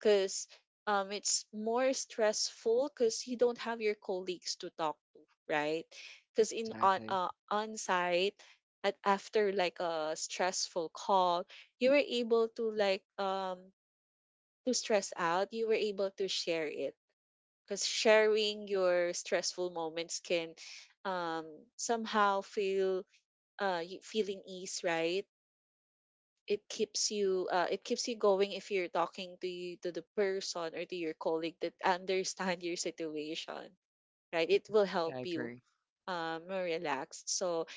because, it's more stressful because you don't have your colleagues to talk to, right? Because in
Exactly.
on site, at after like a stressful call, you were able to like to stress out. You were able to share it, because sharing your stressful moments can um somehow feel feeling ease, right? It keeps you going if you're talking to the person or to your colleague that understand your situation, right, it
Uh-huh.
will
Yeah,
help
I
you
agree.
more relaxed. So,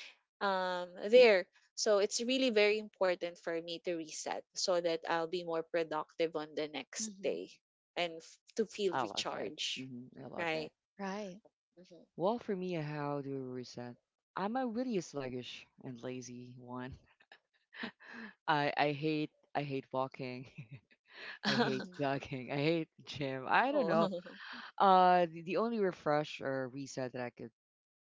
there so it's really very important for me to reset so that I'll be more productive on the next
Mm-hmm.
day and to feel
I love that.
recharged,
Hmm I love
right.
that.
Right.
Hmm.
Well, for me, how do I reset? I'm a really sluggish and lazy one. I hate walking. (laughs) I hate
Mm-hmm.
(laughs)
jogging. I hate gym. I don't
Oh.
know.
(laughs)
The only refresh or reset that I could,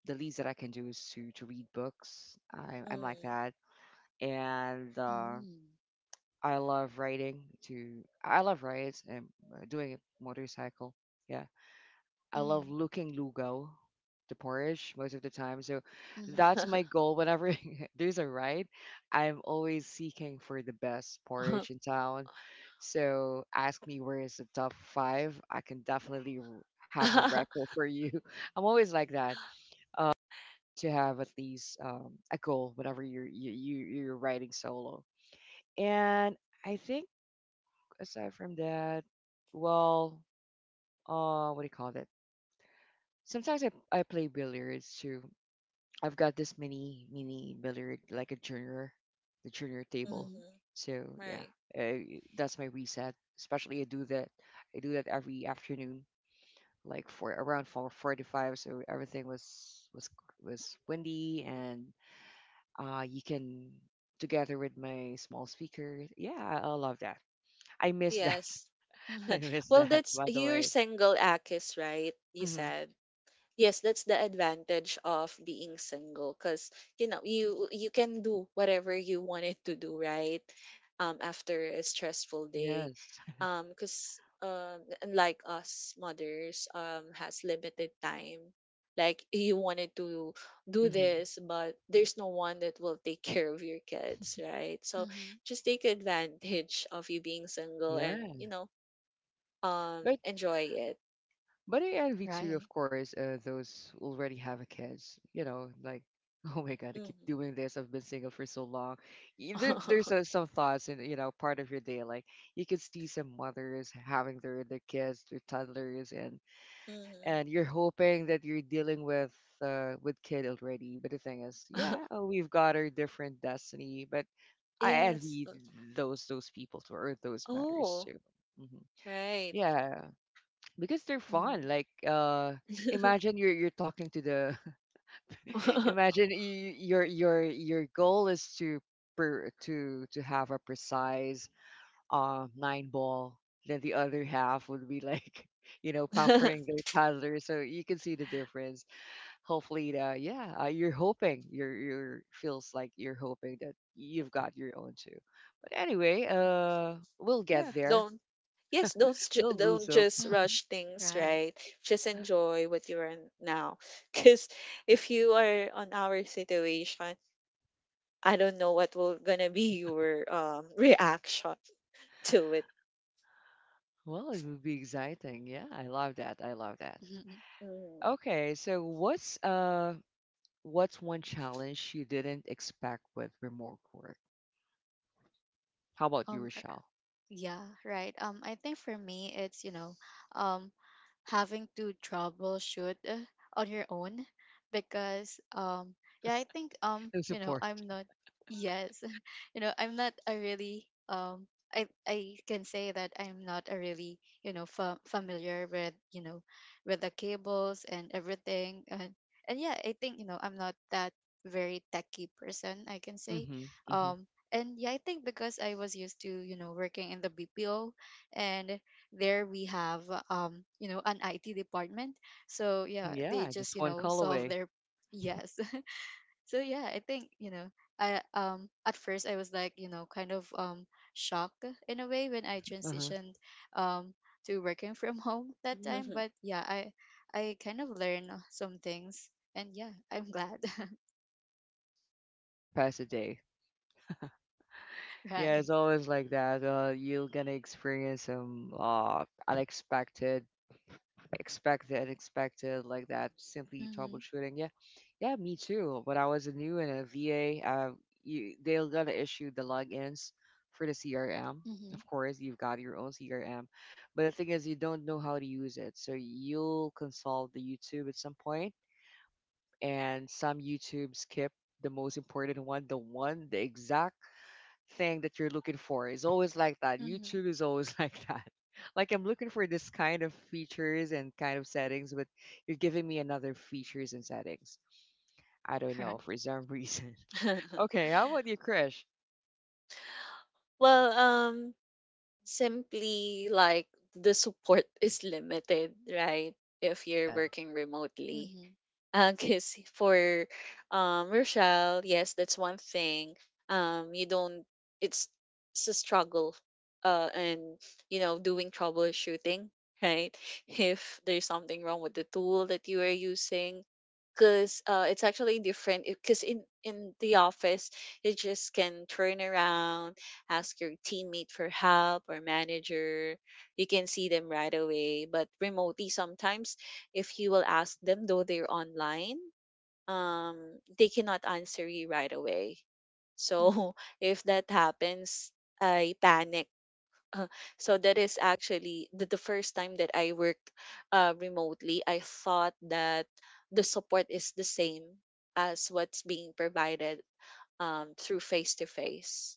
the least that I can do is to read books. I'm like that, and
Mm-hmm.
I love writing. To I love rides and doing a motorcycle. Yeah, I love
Mm-hmm.
looking lugaw, the porridge, most of the time. So
Mm-hmm.
that's my goal. Whenever (laughs) there's a ride, I'm always seeking for the best
Mm-hmm.
porridge in town. So ask me where is the top five. I can definitely have a record for you. (laughs) I'm always like that. Need to have at least a goal whenever you're you, you you're riding solo. And I think aside from that, well, what do you call it? Sometimes I play billiards too. I've got this mini billiard like a junior, the junior table.
Mm-hmm.
(laughs)
So
(laughs)
yeah,
Right.
uh, that's my reset. Especially I do that every afternoon, like for around 4:45. So everything was windy, and you can together with my small speaker. Yeah, I love that. I miss that.
Yes.
(laughs) I
Mm-hmm.
miss
Well,
that.
that's,
By the
you're
way.
single, Akis, right? You
Hmm
said. Yes, that's the advantage of being single, because you know you can do whatever you wanted to do, right? After a stressful day,
Yes.
because, unlike us mothers, has limited time. Like you wanted to
(laughs)
do
hmm
this, but there's no one that will take (laughs) care of your kids, right? So
Mm-hmm.
just take advantage of you being single and
Yeah. By
enjoy it.
But I envy too,
Right.
of course, those who already have a kids. You know, like, (laughs) oh my God, I keep
Mhm.
doing this. I've been single for so long. There, there's
(laughs)
some thoughts in, you know, part of your day. Like, you can see some mothers having their kids, their toddlers,
Mhm.
and you're hoping that you're dealing with kid already. But the thing is, yeah,
(laughs)
we've got our different destiny. But I
Yes.
envy those people too, or those matters
Oh,
too. Hmm.
right.
Yeah, because they're fun.
Mm-hmm.
Like imagine you're talking to the (laughs)
(laughs)
imagine your goal is to per, to have a precise nine ball, then the other half would be like (laughs) you know
Mhm.
pampering the toddler, so you can see the difference. Hopefully the, yeah, you're hoping you're feels like you're hoping that you've got your own too. But anyway, we'll get
Yeah,
there.
don't. Yes, don't ju-
We'll
don't
lose.
just
Mm-hmm.
rush things,
Right.
right? Just enjoy what you are in now. (laughs) Because if you are on our situation, I don't know what will gonna be your reaction (laughs) to it.
Well, it would be exciting. Yeah, I love that. I love that.
Mm-hmm.
Mm.
Okay, so what's what's one challenge you didn't expect with remote work? How about you,
Um. er,
Rochelle?
Yeah. Right. I think for me, it's, um, having to troubleshoot on your own, because yeah, I think,
(laughs) No support.
I'm not. Yes, (laughs) I'm not a really um, I can say that I'm not a really, familiar with, with the cables and everything. And yeah, I think, I'm not that very techy person, I can say.
Mm-hmm. Mm-hmm.
um and yeah, I think because I was used to, working in the BPO, and there we have, an IT department. So yeah,
Mhm.
they
Yeah,
just,
just one
(laughs)
call
solve
away.
their. Yes. (laughs) So yeah, I think, I, at first, I was like, kind of shocked in a way when I
(laughs) Uh-huh.
transitioned um to working (laughs) from home that time. But
(laughs)
yeah, I kind of learned some things, and yeah, I'm glad. (laughs)
Surpass a day. Yeah,
Right.
it's always like that. You're gonna experience some unexpected, expect the unexpected. Like that, simply
Mm-hmm.
troubleshooting. Yeah, yeah, me too. When I was a new in a va, you, they're gonna issue the logins for the crm.
Mm-hmm.
Of course, you've got your own crm, but the thing is, you don't know how to use it, so you'll consult the youtube at some point, and some youtube skip the most important one, the one, the exact thing that you're looking for. Is always like that.
Hmm.
YouTube is always (laughs) like that. Like, I'm looking for this kind of features and kind of settings, but you're giving me another features and settings. I don't
(laughs) Right.
know for some reason. (laughs)
(laughs)
Okay, how about you, Krish?
Well, simply like the support (laughs) is limited, right? If you're
Yeah,
working remotely,
Mm-hmm.
because (laughs) for Rochelle, yes, that's one thing. You don't. It's it's a struggle. And, doing troubleshooting, right? (laughs) If there's something wrong with the tool that you are using, because it's actually different. Because in the office, you just can turn around, ask your teammate for help or manager. You can see them right away. But remotely, sometimes if you will ask them, though they're online, um they cannot answer you right away.
Mm-hmm.
So, (laughs) if that happens, I panic. (laughs) Uh, so that is actually the first time that I worked remotely, I thought that the support is the same as what's being provided through face to face.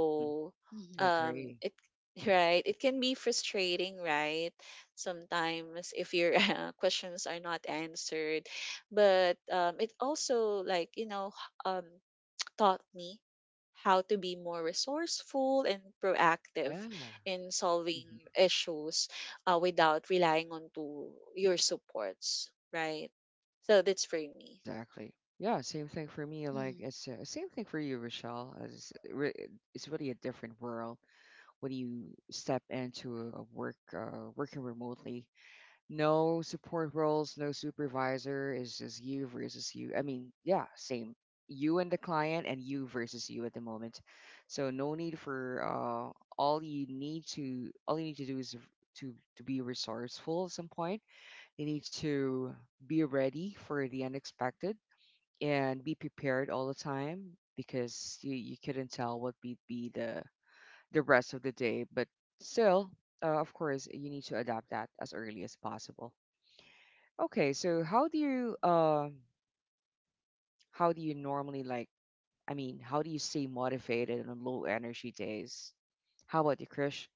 hmm. I
Mm-hmm.
agree.
it (laughs) right, it can be frustrating, right? Sometimes if your (laughs) questions are not answered, but, it also, like, um taught me how to be more resourceful and proactive
Yeah,
in solving
hmm,
issues without relying on to your supports, right? So that's for me.
exactly. Yeah, same thing for me. Like, it's same thing for you, Rochelle. As It's really a different world when you step into a work, working remotely. No support roles, no supervisor. It's just you versus you. I mean, yeah, same. You and the client, and you versus you at the moment. So no need for all you need to do is to be resourceful at some point. You need to be ready for the unexpected and be prepared all the time, because you couldn't tell what would be the rest of the day. But still, of course, you need to adapt that as early as possible. Okay, so how do you normally, like, I mean, how do you stay motivated on low energy days? How about you, Krish?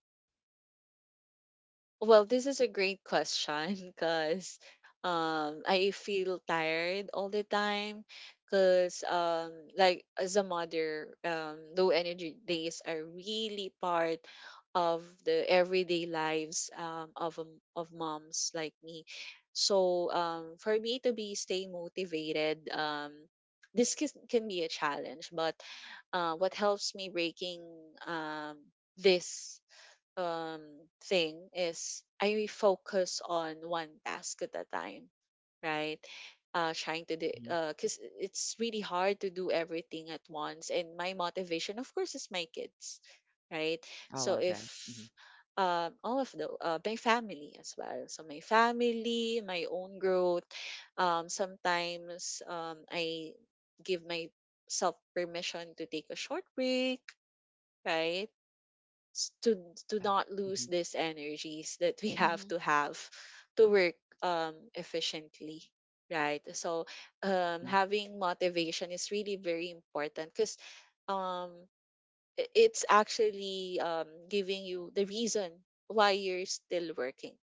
Well, this is a great question (laughs) because I feel tired all the time because, like as a mother, low energy days are really part of the everyday lives of moms like me. So, for me to be stay motivated, this can be a challenge, but what helps me breaking um, this um thing is I focus on one task at a time, right? Trying to do
Mm-hmm.
because it's really hard to do everything at once. And my motivation, of course, is my kids, right?
I
So
love that. Hmm.
if, all of the my family as well. So my family, my own growth. Sometimes, I give myself permission to take a short break, right? s- to to
Yeah.
not lose
Hmm.
these energies that we
Mm-hmm.
have to work efficiently, right. So, having motivation is really very important because, um it's actually giving you the reason why you're still working,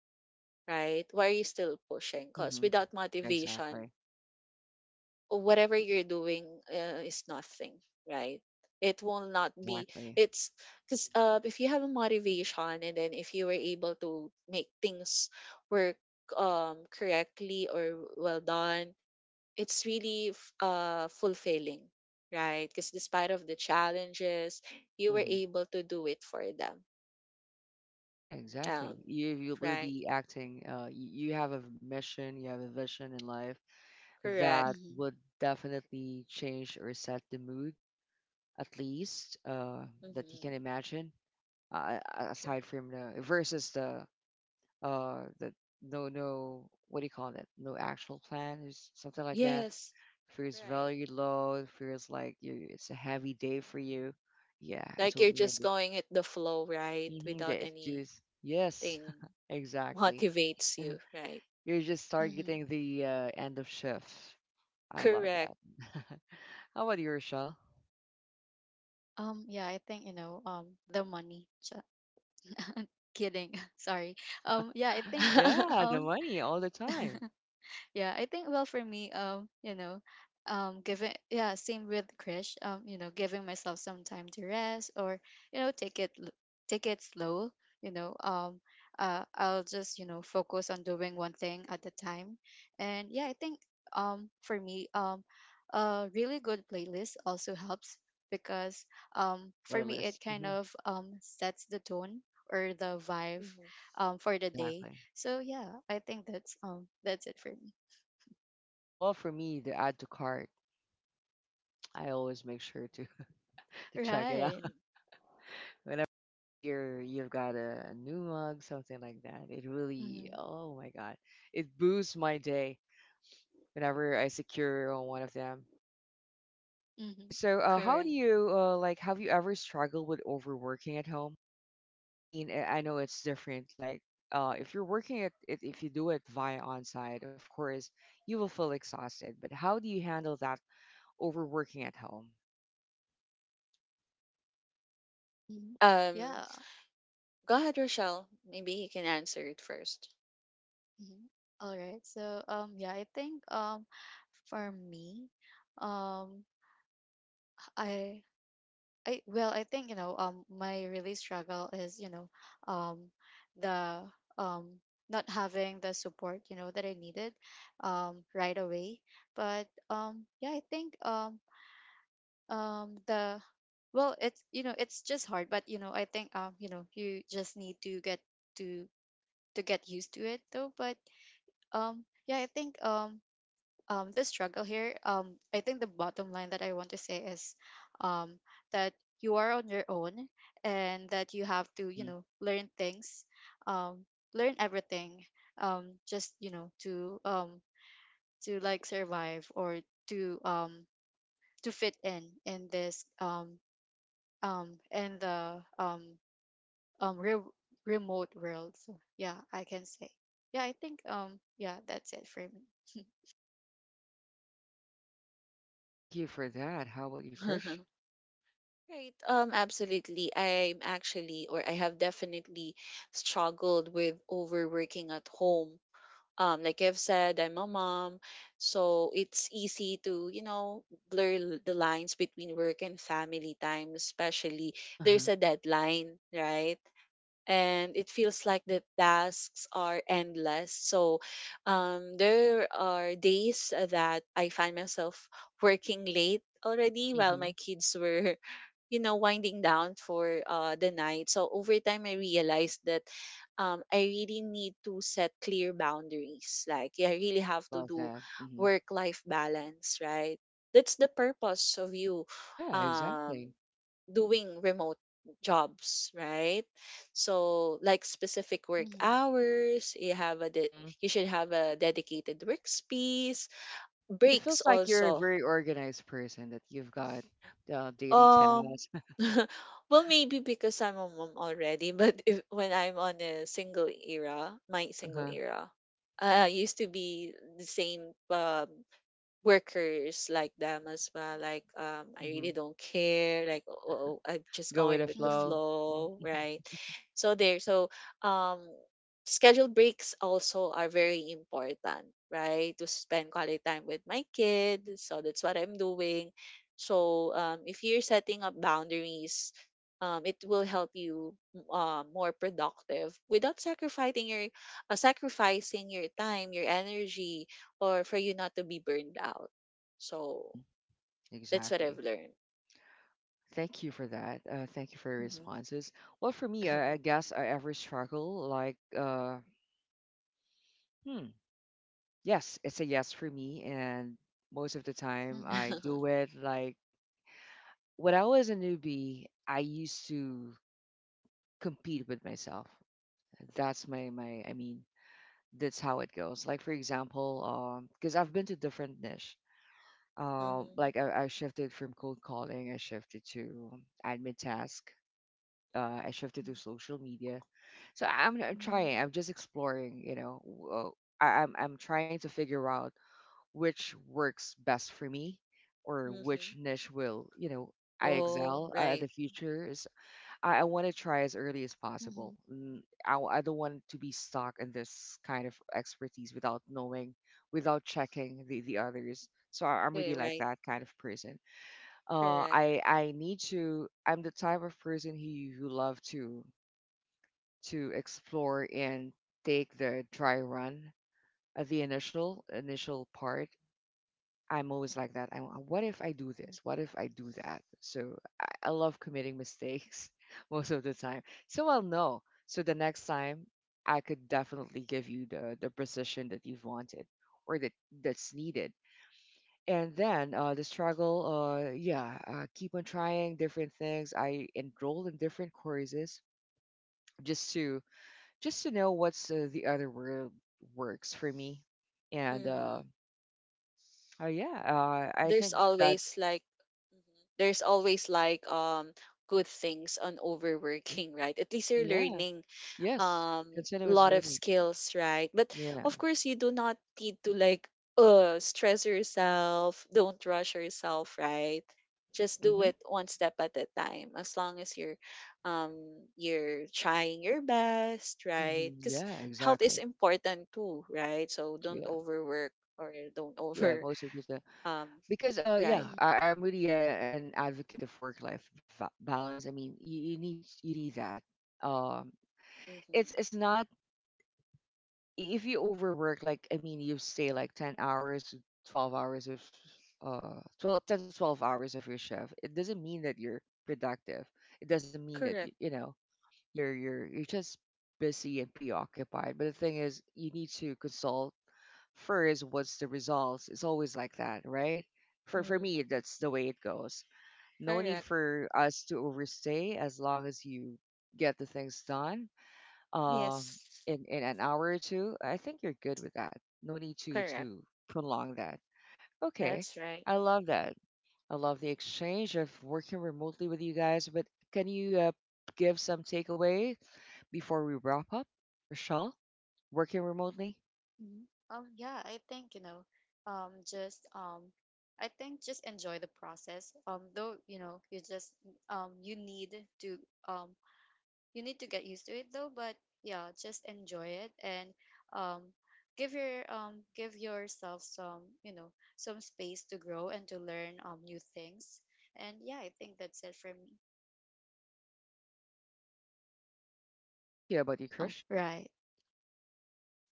right, why you're still pushing,
Hmm.
because
Hmm.
without motivation
Exactly.
whatever you're doing is nothing, right? It will not be.
Exactly.
It's because if you have a motivation and then if you were able to make things work correctly or well done, it's really fulfilling, right? Because despite of the challenges, you were
Hmm.
able to do it for them.
Yeah,
Um,
exactly. You will
right?
be acting. You have a mission. You have a vision in life
Correct.
that
Mm-hmm.
would definitely change or set the mood, at least that you can
Mm-hmm.
imagine. Uh,
True.
aside from the versus the no no, what do you call that, no actual plan or something like that,
Yes.
feels
Right,
very low, feels like you, it's a heavy day for you. Yeah, I
like you're
totally
just
understand.
going at the flow, right,
Mm-hmm. Yeah,
without
it's
any
just, yes,
thing
(laughs) exactly.
motivates you, right?
(laughs) You're just
Hmm.
targeting the end of shift. I love
Correct.
that. (laughs) How about you, Rochelle?
Yeah, I think, the money. Kidding. (laughs) Sorry. Um, yeah, I think,
Yeah,
(laughs)
the
um,
money all the time.
yeah, I think, well, for me, giving yeah, same with Krish, giving myself some time to rest, or take take it slow, you know, um, I'll just, focus on doing one thing at a time. And yeah, I think for me, a really good playlist also helps, because
A
for me it
playlist,
kind
hmm,
of sets the tone or the vibe
Mhm.
for the day.
exactly.
So yeah, I think that's it for me.
Well, for me, the add to cart, I always make sure to (laughs) to check it
Right.
Mhm.
out whenever you've got a new mug, something like that. It really,
Mm-hmm.
oh my god, it boosts my day whenever I secure one of them. Okay,
Mm-hmm.
so how do
Correct.
you like? Have you ever struggled with overworking at home? I mean, I know it's different. Like, if you're working at it, if you do it via on-site, of course, you will feel exhausted. But how do you handle that overworking at home?
Hmm.
Um,
Yeah.
Go ahead, Rochelle. Maybe he can answer it first.
Hmm. All right. So yeah, I think, for me, um I I well, I think, my really struggle is, you know um the um not having the support, that I needed right away. But yeah, I think, the well, it's, it's just hard, but I think, you just need to to get used to it though. But yeah I think the struggle here, I think the bottom line that I want to say is um that you are on your own, and that you have to,
Hmm.
learn things, um learn everything, just, to like survive, or to um to fit in this in the um re- remote world. So yeah, I can say. Yeah, I think, yeah, that's it for me.
Thank you for that. How about you, Krish?
(laughs) Right. Absolutely. I'm actually, or I have definitely struggled with overworking at home. Like I've said, I'm a mom, so it's easy to, you know, blur the lines between work and family time, especially
Uh
there's a deadline, right? And it feels like the tasks are endless. So, there are days that I find myself working late already while
huh.
my kids were, (laughs) winding down for the night. So over time, I realized that, I really need to set clear boundaries. Like, yeah, I really
I
have to
love
do
that. Mhm.
work life balance, right? That's the purpose of you
Yeah,
um
exactly.
doing remote jobs, right. So, like, specific work
Mhm.
hours, you have a
Hmm.
you should have a dedicated workspace.
It
Breaks
feels like you're a
also.
very organized person that you've got daily
um
tasks. (laughs)
(laughs) well, maybe because I'm a mom already. (laughs) But if, when I'm on a single era, my single
Uh-huh.
era, I used to be the same, workers like them as well. Like, I
Hmm.
really don't care. Like, oh, oh, oh, I'm just
Go with
going
the
with the
Mhm.
flow.
flow,
Mm-hmm.
right? So there. So, um, scheduled breaks also are very important, right? To spend quality time with my kid. So that's what I'm doing. So, if you're setting up boundaries, it will help you more productive without sacrificing your time, your energy, or for you not to be burned out. So
Mhm.
that's what
Exactly.
I've learned.
Thank you for that. Thank you for your
Mm-hmm.
responses. Well, for me, I guess I ever struggle like, hmm, yes, it's a yes for me, and most of the time
Mhm.
I do
(laughs)
it. Like, when I was a newbie, I used to compete with myself. That's my I mean, that's how it goes. Like, for example, because I've been to different niche.
Mm-hmm.
Like I shifted from cold calling, I shifted to admin task, I shifted to social media. So I'm
Hmm.
trying, I'm just exploring. You know, I'm trying to figure out which works best for me, or which
Mm-hmm.
niche will, you know, I
Oh,
excel at
right.
the future. I want to try as early as possible.
Mhm.
Mm, I don't want to be stuck in this kind of expertise without knowing, without checking the others. So I'm really
Right,
like
right.
that kind of person.
Correct.
I need to. I'm the type of person who love to explore and take the dry run at the initial part. I'm always like that. I, what if I do this? What if I do that? So I love committing mistakes (laughs) most of the time. So I'll know. So the next time, I could definitely give you the precision that you've wanted or that that's needed. And then the struggle, yeah, keep on trying different things. I enrolled in different courses just to just to know what's the other word works for me. And
Mm-hmm.
yeah, I
There's
think that,
always like Mhm. there's always like good things on overworking, (laughs) right? At least you're
yeah.
learning
Yes,
um
consider was
lot of
learning.
skills, right, but
Yeah.
of course you do not need to like stress yourself, don't rush yourself, right, just do
Mhm.
it one step at a time as long as you're um trying your best, right,
Mhm.
because
Yeah.
health is
Exactly.
important too, right, so don't
Yeah.
overwork or don't
Yeah.
over.
Most of it,
(laughs) um
because yeah,
right.
Mhm.
I'm really an advocate of balance. I mean, you need that. Um, it's
Mm-hmm.
not, I- if you overwork. Like, I mean, you stay like 10 hours, to 12 hours of 12, 10 to 12 hours of your shift. It doesn't mean that you're productive. It doesn't mean that you
Correct.
you know, you're you're just busy and preoccupied. But the thing is, you need to consult first what's the results. It's always like that, right? For me,
Mm-hmm.
that's the way it goes. No need
Correct.
for us to overstay as long as you get the things done. Um,
Yes.
in an hour or two, I think you're good with that. No need
Correct.
to prolong that. Okay,
That's right.
I love that. I love the exchange of working remotely with you guys. But can you give some takeaway before we wrap up, Rochelle, working remotely,
Mhm. Yeah, I think, just I think just enjoy the process. Though you just um you need to um you need to get used to it though, but yeah, just enjoy it. And um give your give yourself some, some space to grow and to learn new things. And yeah, I think that's it for me.
hear about your
Oh,
crush.
right.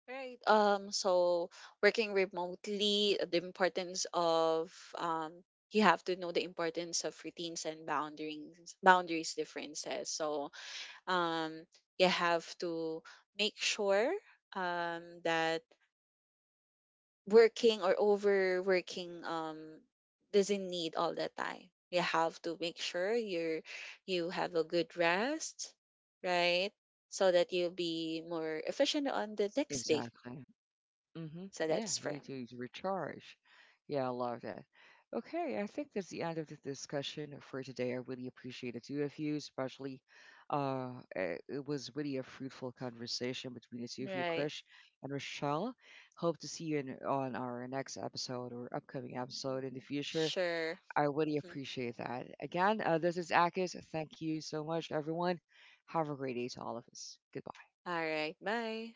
Right. So working remotely, the importance of, um you have to know the importance of routines and boundaries differences. So, um you have to make sure, that working or overworking doesn't need all the time. You have to make sure you have a good rest, right? So that you'll be more efficient on the next day.
Exactly. Mm-hmm.
So
Yeah,
that's
you need
firm.
to recharge. Yeah, I love that. Okay, I think that's the end of the discussion for today. I really appreciate the two of you, especially. Uh, it was really a fruitful conversation between the two of you,
Right.
Krish and Rochelle. Hope to see you on our next episode or upcoming episode in the future.
Sure.
I really
Mhm.
appreciate that. Again, this is Akis. Thank you so much, everyone. Have a great day to all of us. Goodbye.
All right. Bye.